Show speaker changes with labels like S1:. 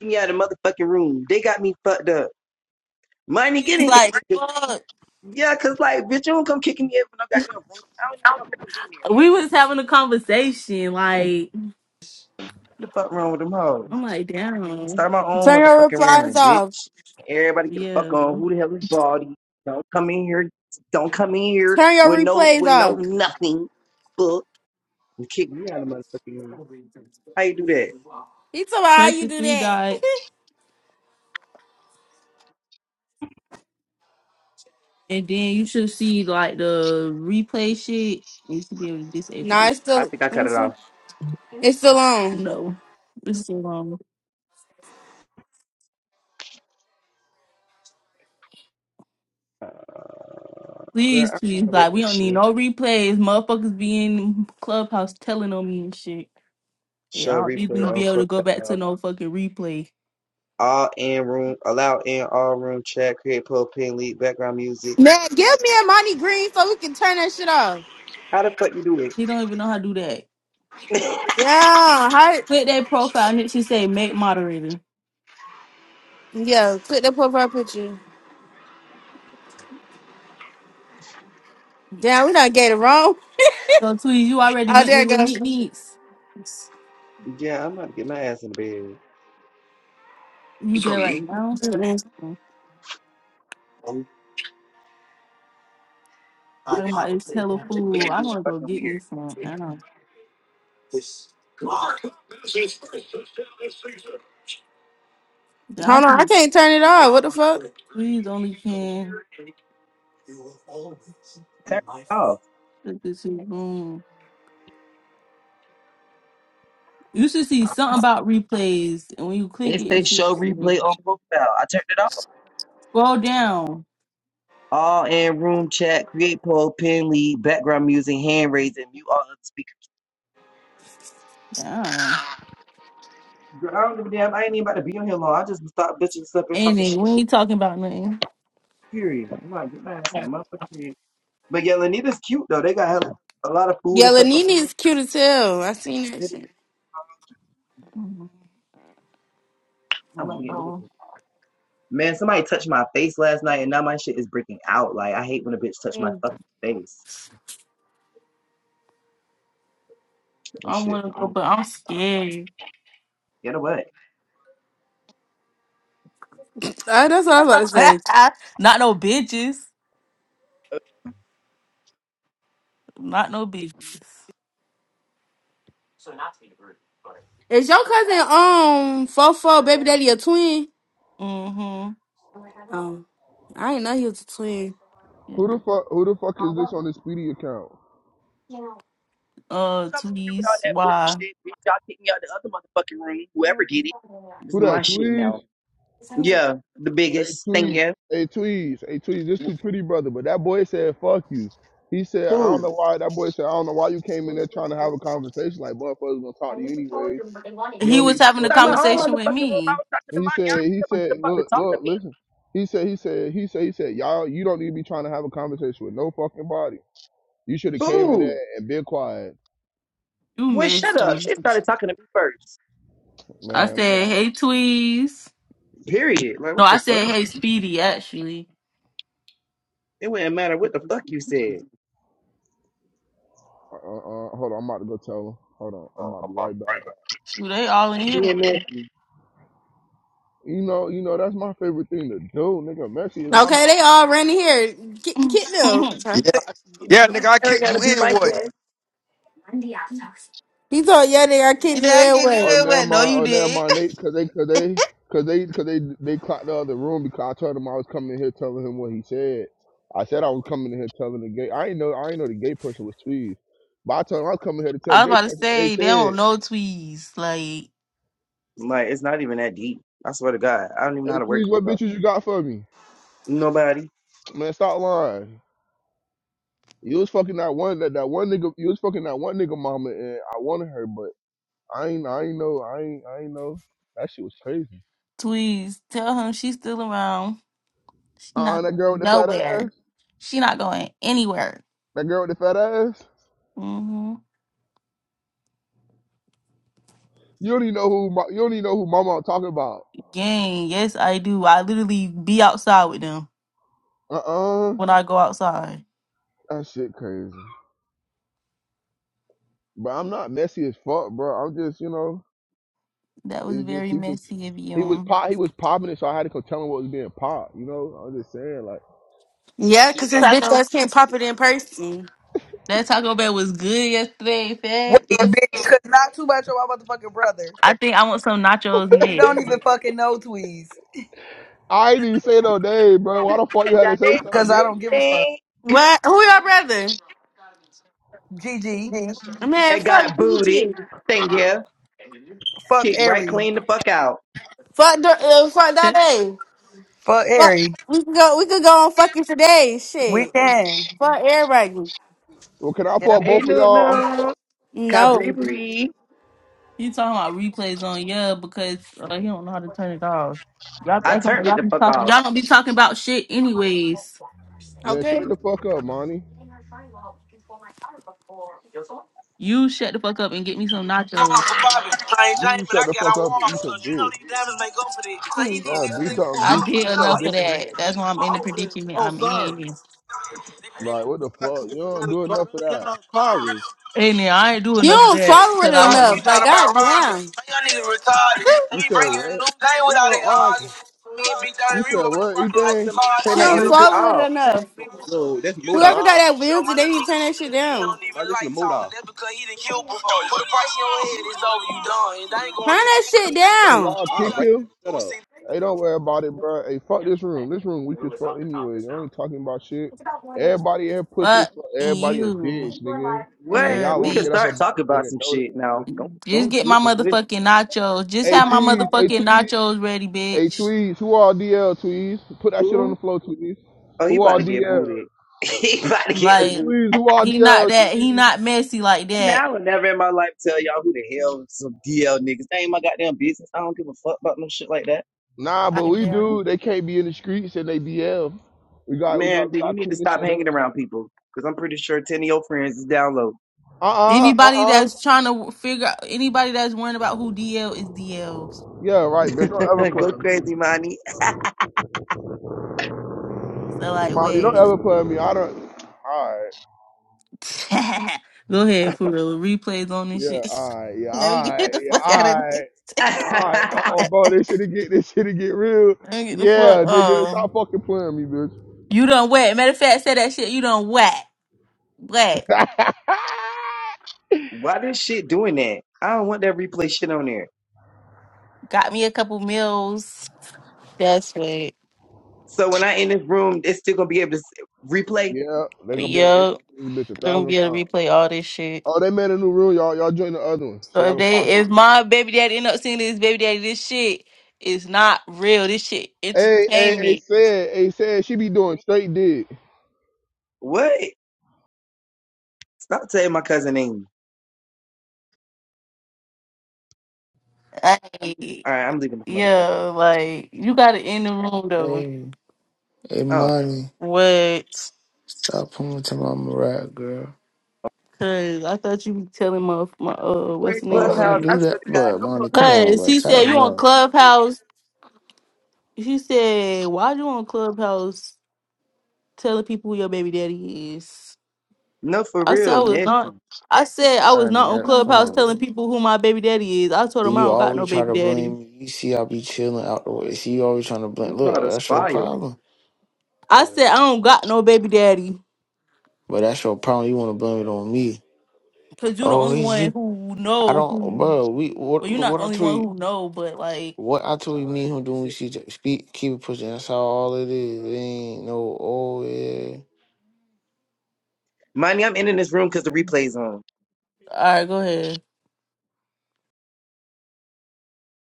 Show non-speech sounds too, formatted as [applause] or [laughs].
S1: Get me out of the motherfucking room. They got me fucked up. Money, get
S2: He's
S1: in
S2: like,
S1: here.
S2: fuck.
S1: Yeah, cause like, bitch, you don't come kicking me out of no goddamn room. I don't even know who was in here.
S2: We was having a conversation. Like,
S1: What the fuck wrong with them hoes?
S2: I'm like,
S1: I
S2: damn.
S1: start my own
S3: Turn your
S1: motherfucking
S3: replies
S1: room,
S3: off.
S1: bitch. Everybody get the fuck
S2: Yeah.
S1: on. Who the hell is Baldy? Don't come in here. Don't come in here
S3: Turn your
S1: with no
S3: replays
S1: with no
S3: off.
S1: nothing. Book and kick me out of the motherfucking room. How you do that?
S3: He told me how
S2: Press
S3: you
S2: the
S3: do
S2: three
S3: that.
S2: dot,
S3: [laughs]
S2: and then you should see like the replay shit. and You should be able to disable
S3: Nah, it's
S2: it.
S1: I
S3: still
S1: think I
S3: let
S1: cut
S3: me
S1: it
S3: see.
S1: off.
S3: It's still on.
S2: No, this is so long.
S1: Uh, girl,
S2: Please,
S1: I don't know
S2: please,
S1: how to work
S2: like we
S1: this
S2: don't need
S1: shit.
S2: no replays. Motherfuckers be in clubhouse telling on me and shit. Yeah, I
S1: Show
S2: don't
S1: replay
S2: even
S1: on
S2: be able to go back
S1: profile.
S2: to no fucking replay.
S1: all in room, allow in all room chat, create post, pin, lead, background music.
S3: Man, give me a money green so we can turn that shit off.
S1: How the fuck you do it?
S2: He don't even know how to do that.
S1: [laughs]
S3: Yeah, how
S2: Click that profile and it should say make moderator.
S3: yeah, click the profile picture. Damn, we done get it wrong.
S2: So, Tweez, you already
S3: Oh
S2: went to
S3: there it goes.
S2: Lanique Needs.
S1: yeah, I'm about to get my ass in the bed.
S2: You there right now?
S3: Mm-mm.
S2: Mm.
S1: Who
S2: Talking about it's hella
S1: that
S2: food.
S1: listening
S2: I
S1: being
S2: want to go
S1: fucking
S2: get
S1: weird?
S2: me some. I don't.
S3: Hold on, I
S2: Deontay,
S3: can't turn it off. What the fuck?
S2: Tweez only can
S1: Turn it off.
S2: look this is boom. You should see something about replays, and when you click
S1: It
S2: it, it
S1: says
S2: should
S1: show
S2: say
S1: replay on profile. I turned it off.
S2: scroll down,
S1: All in room chat, create poll, pin lead, background music, hand raising, mute all other speakers.
S2: down.
S1: Girl, I don't give a damn. I ain't even about to be on here long. I just stop bitching stuff and
S2: And
S1: talking
S2: then
S1: shit.
S2: we ain't talking about nothing.
S1: Period. I'm like, get my ass in the
S2: Yeah.
S1: motherfucking bed. But yeah, Lanita's cute though. They got a lot of food
S3: Yeah,
S1: and stuff up
S3: Lanini
S1: here.
S3: is cute as hell. I seen that shit.
S2: Mm, I
S1: I'm gonna
S2: don't
S1: get rid of it.
S2: know.
S1: Man, somebody touched my face last night, and now my shit is breaking out. Like, I hate when a bitch touch my
S3: Mm.
S1: fucking face. That
S2: I
S1: shit,
S2: want to go,
S1: mm,
S2: but I'm scared.
S1: get away.
S3: Uh, that's what I was about to say.
S2: [laughs] Not no bitches. Not no bitches.
S3: Is your cousin um Fofo baby daddy a twin?
S2: Mm-hmm.
S3: Um, I didn't know he was a twin.
S2: Yeah.
S4: Who the fuck? Who the fuck is this on this Speedy account?
S2: uh
S1: Come over here with all
S2: tweez
S1: that
S2: why
S1: bullshit. Bitch, y'all kick me out the other motherfucking room. Whoever did it. This is
S4: Who that?
S1: my shit
S4: Tweez?
S1: now. Yeah, the
S4: Hey
S1: biggest. Thank
S4: Tweez.
S1: you.
S4: Hey Tweez. Hey Tweez. This too pretty brother. But that boy said fuck you. He said I don't
S1: Who?
S4: know why. That boy said I don't know why you came in there trying to have a conversation. Like motherfuckers gonna talk to you anyways. You
S2: he
S4: don't need
S2: was
S4: to be
S1: I can
S2: having a
S4: doing
S1: start my
S4: no
S1: own
S4: talk.
S1: motherfucking
S2: conversation with
S1: room. I
S2: me
S1: was talking to
S4: And he
S1: mommy. I don't
S4: said.
S1: need
S4: He
S1: nobody the
S4: said.
S1: fuck to
S4: Look.
S1: talk to
S4: Look.
S1: me.
S4: Listen. He said. He said. He said. He said. Y'all. You don't need to be trying to have a conversation with no fucking body. You should have came in there
S1: Who?
S4: and been quiet,
S2: you
S1: Boy, shut
S2: missed
S1: up.
S2: you
S1: She started talking to me first.
S2: i
S4: man. Yeah,
S2: said
S4: I'm,
S2: hey tweez
S1: Period. Like,
S2: no
S1: what
S2: i
S1: the fuck?
S2: said hey speedy actually
S1: It wouldn't matter what the fuck you said.
S4: uh, uh, uh, hold on. I'm about to go tell him. Hold on. I'm about to be right back.
S2: Shoot, they all in here
S1: Me and Matthew.
S4: You know, you know, that's my favorite thing to do, nigga. Messi is my man.
S3: Okay, they all running here. Get,
S2: [laughs]
S3: get them. [laughs]
S5: Yeah, yeah, nigga, I
S1: Eric
S5: kicked
S1: gotta
S5: you
S1: be
S5: in.
S1: my
S5: What?
S1: guest.
S3: He told yeah, they I kid
S2: Did
S3: you
S2: I get you
S3: anyway.
S4: Oh,
S2: in
S4: now
S2: wet? No,
S4: my,
S2: you
S4: oh, now
S2: did.
S4: my Nate, cause they, cause they, cause they, cause they, they clocked the other room because I told him I was coming in here telling him what he said. I said I was coming in here telling the gay. I ain't know, I ain't know the gay person was Tweez, but I told him I was coming here to tell
S2: i
S4: the
S2: was
S4: gay
S2: about to
S4: person what they
S2: say they don't
S4: said.
S2: know tweez like
S1: Like it's not even that deep. I swear to God, I don't even know how
S4: Hey,
S1: to work
S4: Tweez, what
S1: with her.
S4: bitches you got for me?
S1: Nobody.
S4: Man, stop lying. You was fucking that one, that, that one nigga. You was fucking that one nigga mama, and I wanted her, but I ain't, I ain't know, I ain't, I ain't know. That shit was crazy.
S2: tweez tell him she's still around she's
S4: Uh, uh
S2: not
S4: that
S2: going
S4: girl with the fat
S2: nowhere
S4: ass.
S2: she not going anywhere
S4: That girl with the fat ass.
S2: hmm
S4: You don't even know who. Ma- You don't even know who Mama I'm talking about.
S2: gang yes i do i literally be outside with them
S4: Uh uh
S2: when i go outside
S4: That shit crazy. But I'm not messy as fuck, bro. I'm just you know.
S2: That was
S4: It's just
S2: very
S4: he was.
S2: messy of
S4: He was
S2: you.
S4: pop. He was popping it, so I had to go tell him what was being popped. You know. I'm just saying like.
S3: Yeah, cause this bitch
S2: Taco.
S3: ass can't pop it in person.
S2: That Taco Bell was good yesterday,
S6: Wait,
S2: fat.
S6: bitch, cause not too much of my motherfucking brother.
S2: I think I want some nachos
S6: You don't
S2: next.
S6: even fucking know Tweez.
S4: I ain't even say no name, bro. Why the fuck you had to say
S1: Dynamic
S4: something,
S6: Cause I
S4: bitch?
S6: don't give a fuck.
S1: thing.
S3: What? Who your brother?
S6: Gigi,
S3: Man,
S1: They
S3: fuck
S1: got booted.
S3: BG.
S1: Thank you.
S6: Fuck
S1: Kicked right
S6: Airy.
S1: clean the fuck out.
S3: Fuck Dor- uh, fuck that
S2: Yeah.
S3: day.
S6: Fuck
S3: Fuck.
S6: Airy.
S3: We could go. We could go on fucking today.
S6: We
S3: Shit.
S6: can.
S3: Fuck everybody.
S4: Well, can I
S6: Yeah.
S4: fuck
S1: Hey,
S4: both of
S1: no,
S4: y'all?
S1: no.
S3: No.
S1: Cabribri.
S2: [laughs] you talking about replays on yeah because uh, he don't know how to turn it off. Y'all be
S1: I
S2: acting like
S1: turned it
S2: y'all
S1: the
S2: be
S1: fuck
S2: talking.
S1: off.
S2: Y'all don't be talking about shit anyways.
S4: Man,
S3: Okay.
S4: shut the fuck up, Monty.
S2: You shut the fuck up and get me some
S7: I'm
S2: nachos.
S7: off of Bobby. I ain't
S4: You
S7: James, but
S4: shut
S7: I
S4: the
S7: got
S4: fuck
S7: on
S4: up and eat
S7: water.
S4: some
S7: Cause you know
S4: dick.
S7: these diamonds make up for this. So he
S3: Mm.
S7: did
S4: Now
S7: this
S4: do
S7: nigga for
S4: something.
S2: I
S4: Do
S7: a for
S2: did
S4: do
S7: this. Oh,
S2: enough
S4: something
S7: he
S2: of
S7: said
S4: different
S2: that.
S4: for it.
S7: this
S2: That's
S7: nigga
S2: why
S7: for
S2: I'm
S7: a
S2: in the
S7: for this.
S2: predicament
S7: Oh,
S2: I'm
S7: sorry.
S2: in.
S7: They-
S4: Like what the fuck? You don't do enough of
S7: they
S4: that.
S7: let- Sorry.
S2: And then I ain't do
S3: You
S2: enough of
S3: don't
S7: So we
S2: that
S3: swallow
S7: got the
S2: because I
S3: it
S7: blocks
S2: want
S7: and you
S2: to
S3: enough. Like
S7: thought about robbing.
S3: goddamn,
S7: How y'all niggas retarded? So
S4: You
S7: we
S4: said
S7: breaking a
S4: what?
S7: new game without it. arguing. Me and B30,
S4: You
S7: we
S4: said
S7: rolling
S4: what?
S7: broccoli like some
S4: Anything?
S1: Somebody
S7: garden.
S3: she
S1: turn
S7: I
S1: that
S3: don't
S7: gotta
S1: music
S7: walk.
S3: swallow it
S1: off.
S3: enough.
S7: No, that's Modoc.
S4: Nah.
S3: Whoever got that
S7: Show
S3: wheels, they
S7: My little
S3: need to
S7: nigga
S3: turn that
S7: just
S3: shit
S7: looking, he
S3: down.
S7: don't even like talking. That's because he done killed before. Put a price on your head, it's over, you done. And I ain't
S3: Turn
S7: going in,
S3: that
S7: up
S3: shit
S7: they go.
S4: Can
S3: down.
S4: y'all
S7: All
S4: kick
S7: right,
S4: him?
S7: shut up.
S4: Hey, don't worry about it, bro. Hey, fuck this room. This room weak as fuck anyway. you ain't talking about shit. Everybody here pussy as
S2: fuck
S4: fuck. Everybody a
S2: you.
S4: bitch, nigga. And
S1: What?
S2: Yeah,
S4: y'all
S1: We
S4: won't
S1: can
S4: get
S2: bitch.
S4: up
S1: start
S4: about
S1: talking
S4: it,
S1: about
S4: nigga.
S1: some
S4: Know that,
S1: shit
S4: nigga.
S1: now. Don't
S2: Just
S1: don't
S2: get
S1: get
S2: my
S4: nigga.
S1: this
S2: motherfucking nachos. Just
S4: Hey,
S2: have my
S4: tweeds. Hey,
S2: motherfucking
S4: tweeds.
S2: nachos ready,
S4: Hey,
S2: bitch.
S4: tweeds. Who all DL tweeds? Put that shit on
S1: fool.
S4: the floor, tweeds.
S1: Oh, he
S4: Who
S1: about
S4: all
S1: to get
S4: DL?
S1: booted. [laughs] he about to get the
S4: Hey,
S2: Like
S1: boot.
S4: tweeds. Who all
S2: he not
S4: DL
S2: that he
S4: tweeds?
S2: not messy like that.
S1: Now I would never in my life tell y'all who the hell some DL niggas. That ain't my goddamn business. I don't give a fuck about no shit like that.
S4: Nah, but
S2: Like
S4: we
S2: that.
S4: do. They can't be in the streets and they DL. We got, we got,
S1: Man,
S4: we
S1: do
S4: got
S1: you
S4: to
S1: need to
S4: clean this
S1: stop
S4: shit up.
S1: hanging around people? Because I'm pretty sure 10 of your friends is down low.
S4: uh uh
S2: Anybody
S4: uh uh.
S2: that's trying to figure out anybody that's worrying about who DL is DL.
S4: Yeah, right,
S1: [laughs]
S4: bitch. Don't ever
S1: Go
S4: put me.
S1: crazy, Monty.
S2: So like
S4: Molly, don't
S2: wait.
S4: ever put me. I don't. Alright.
S2: [laughs] Go ahead for real. Replays on this
S4: Yeah,
S2: shit.
S4: alright. Yeah,
S2: [laughs] Let me get
S4: alright.
S2: the
S4: Yeah,
S2: fuck out of this.
S4: alright.
S1: [laughs]
S4: Alright. Uh Oh, bro, this shit get this shit get real.
S2: Let me get the
S4: Yeah,
S2: fuck
S4: nigga,
S2: um
S4: stop fucking playing me, bitch.
S2: You done wet. Matter of fact, say that shit, you done whack. Whack.
S4: [laughs]
S1: Why this shit doing that? I don't want that replay shit on there.
S2: Got me a couple meals. That's what.
S1: So when I in this room, it's still gonna be able to s- replay.
S4: yeah, they gonna be able to listen
S2: Yup,
S4: to this bitch a
S2: they're gonna
S4: thousand
S2: be able to
S4: times.
S2: replay all this shit.
S4: Oh, they made a new room, y'all. Y'all join the other one so
S2: So
S4: y'all
S2: if
S4: can pop
S2: they,
S4: shit.
S2: if my baby daddy end up seeing this baby daddy, this shit is not real. This shit
S4: Hey, hey, hey,
S2: entertainment.
S4: said, hey, said she be doing straight dick.
S1: What? Stop saying my cousin name.
S2: Like,
S1: All right, I'm leaving this
S2: yeah,
S1: motherfucker.
S2: like you gotta end the room though.
S8: Hey, hey,
S1: Oh,
S8: Monty,
S2: What?
S8: stop pulling to my mariah girl.
S2: Cause I thought you was telling my my uh
S1: where
S2: what's the
S8: Why
S2: name
S8: would I
S1: clubhouse?
S2: shit.
S1: I
S8: do
S1: swear
S8: that?
S1: to God,
S8: But
S1: I'm gonna
S8: Monty, come on,
S2: Cause
S8: bro,
S2: he said you
S8: tighten
S1: die.
S2: on
S8: up.
S2: Clubhouse. He said why you on Clubhouse telling people who your baby daddy is.
S1: No, for
S2: I said
S1: real,
S2: I was
S1: man.
S2: not. I said I
S8: I
S2: was not on
S8: never, come
S2: Clubhouse telling
S8: on.
S2: people who my baby daddy is. I told
S8: See,
S2: them I
S8: you
S2: don't got
S8: always
S2: no
S8: try
S2: baby
S8: to
S2: daddy.
S8: blame me. You see, I be chilling out the way. See, you always trying to blame.
S1: This about
S8: Look,
S1: a
S8: that's your
S1: fire.
S8: problem.
S2: I said I don't got no baby daddy.
S8: But that's your problem. You want to blame it on me.
S2: Cause you're the
S8: Oh,
S2: only
S8: it's
S2: one
S8: you.
S2: who
S8: I
S2: know
S8: don't,
S2: who.
S8: bro. We
S2: Well,
S8: what?
S2: you're not
S8: What
S2: the
S8: I
S2: only
S8: told
S2: one
S8: you?
S2: who know, but like,
S8: What I told you? Me and him doing? She just speak, keep it pushing. That's how all it is. It ain't no. Oh yeah.
S1: Money, I'm in this room because the replay's on.
S2: all right, go ahead.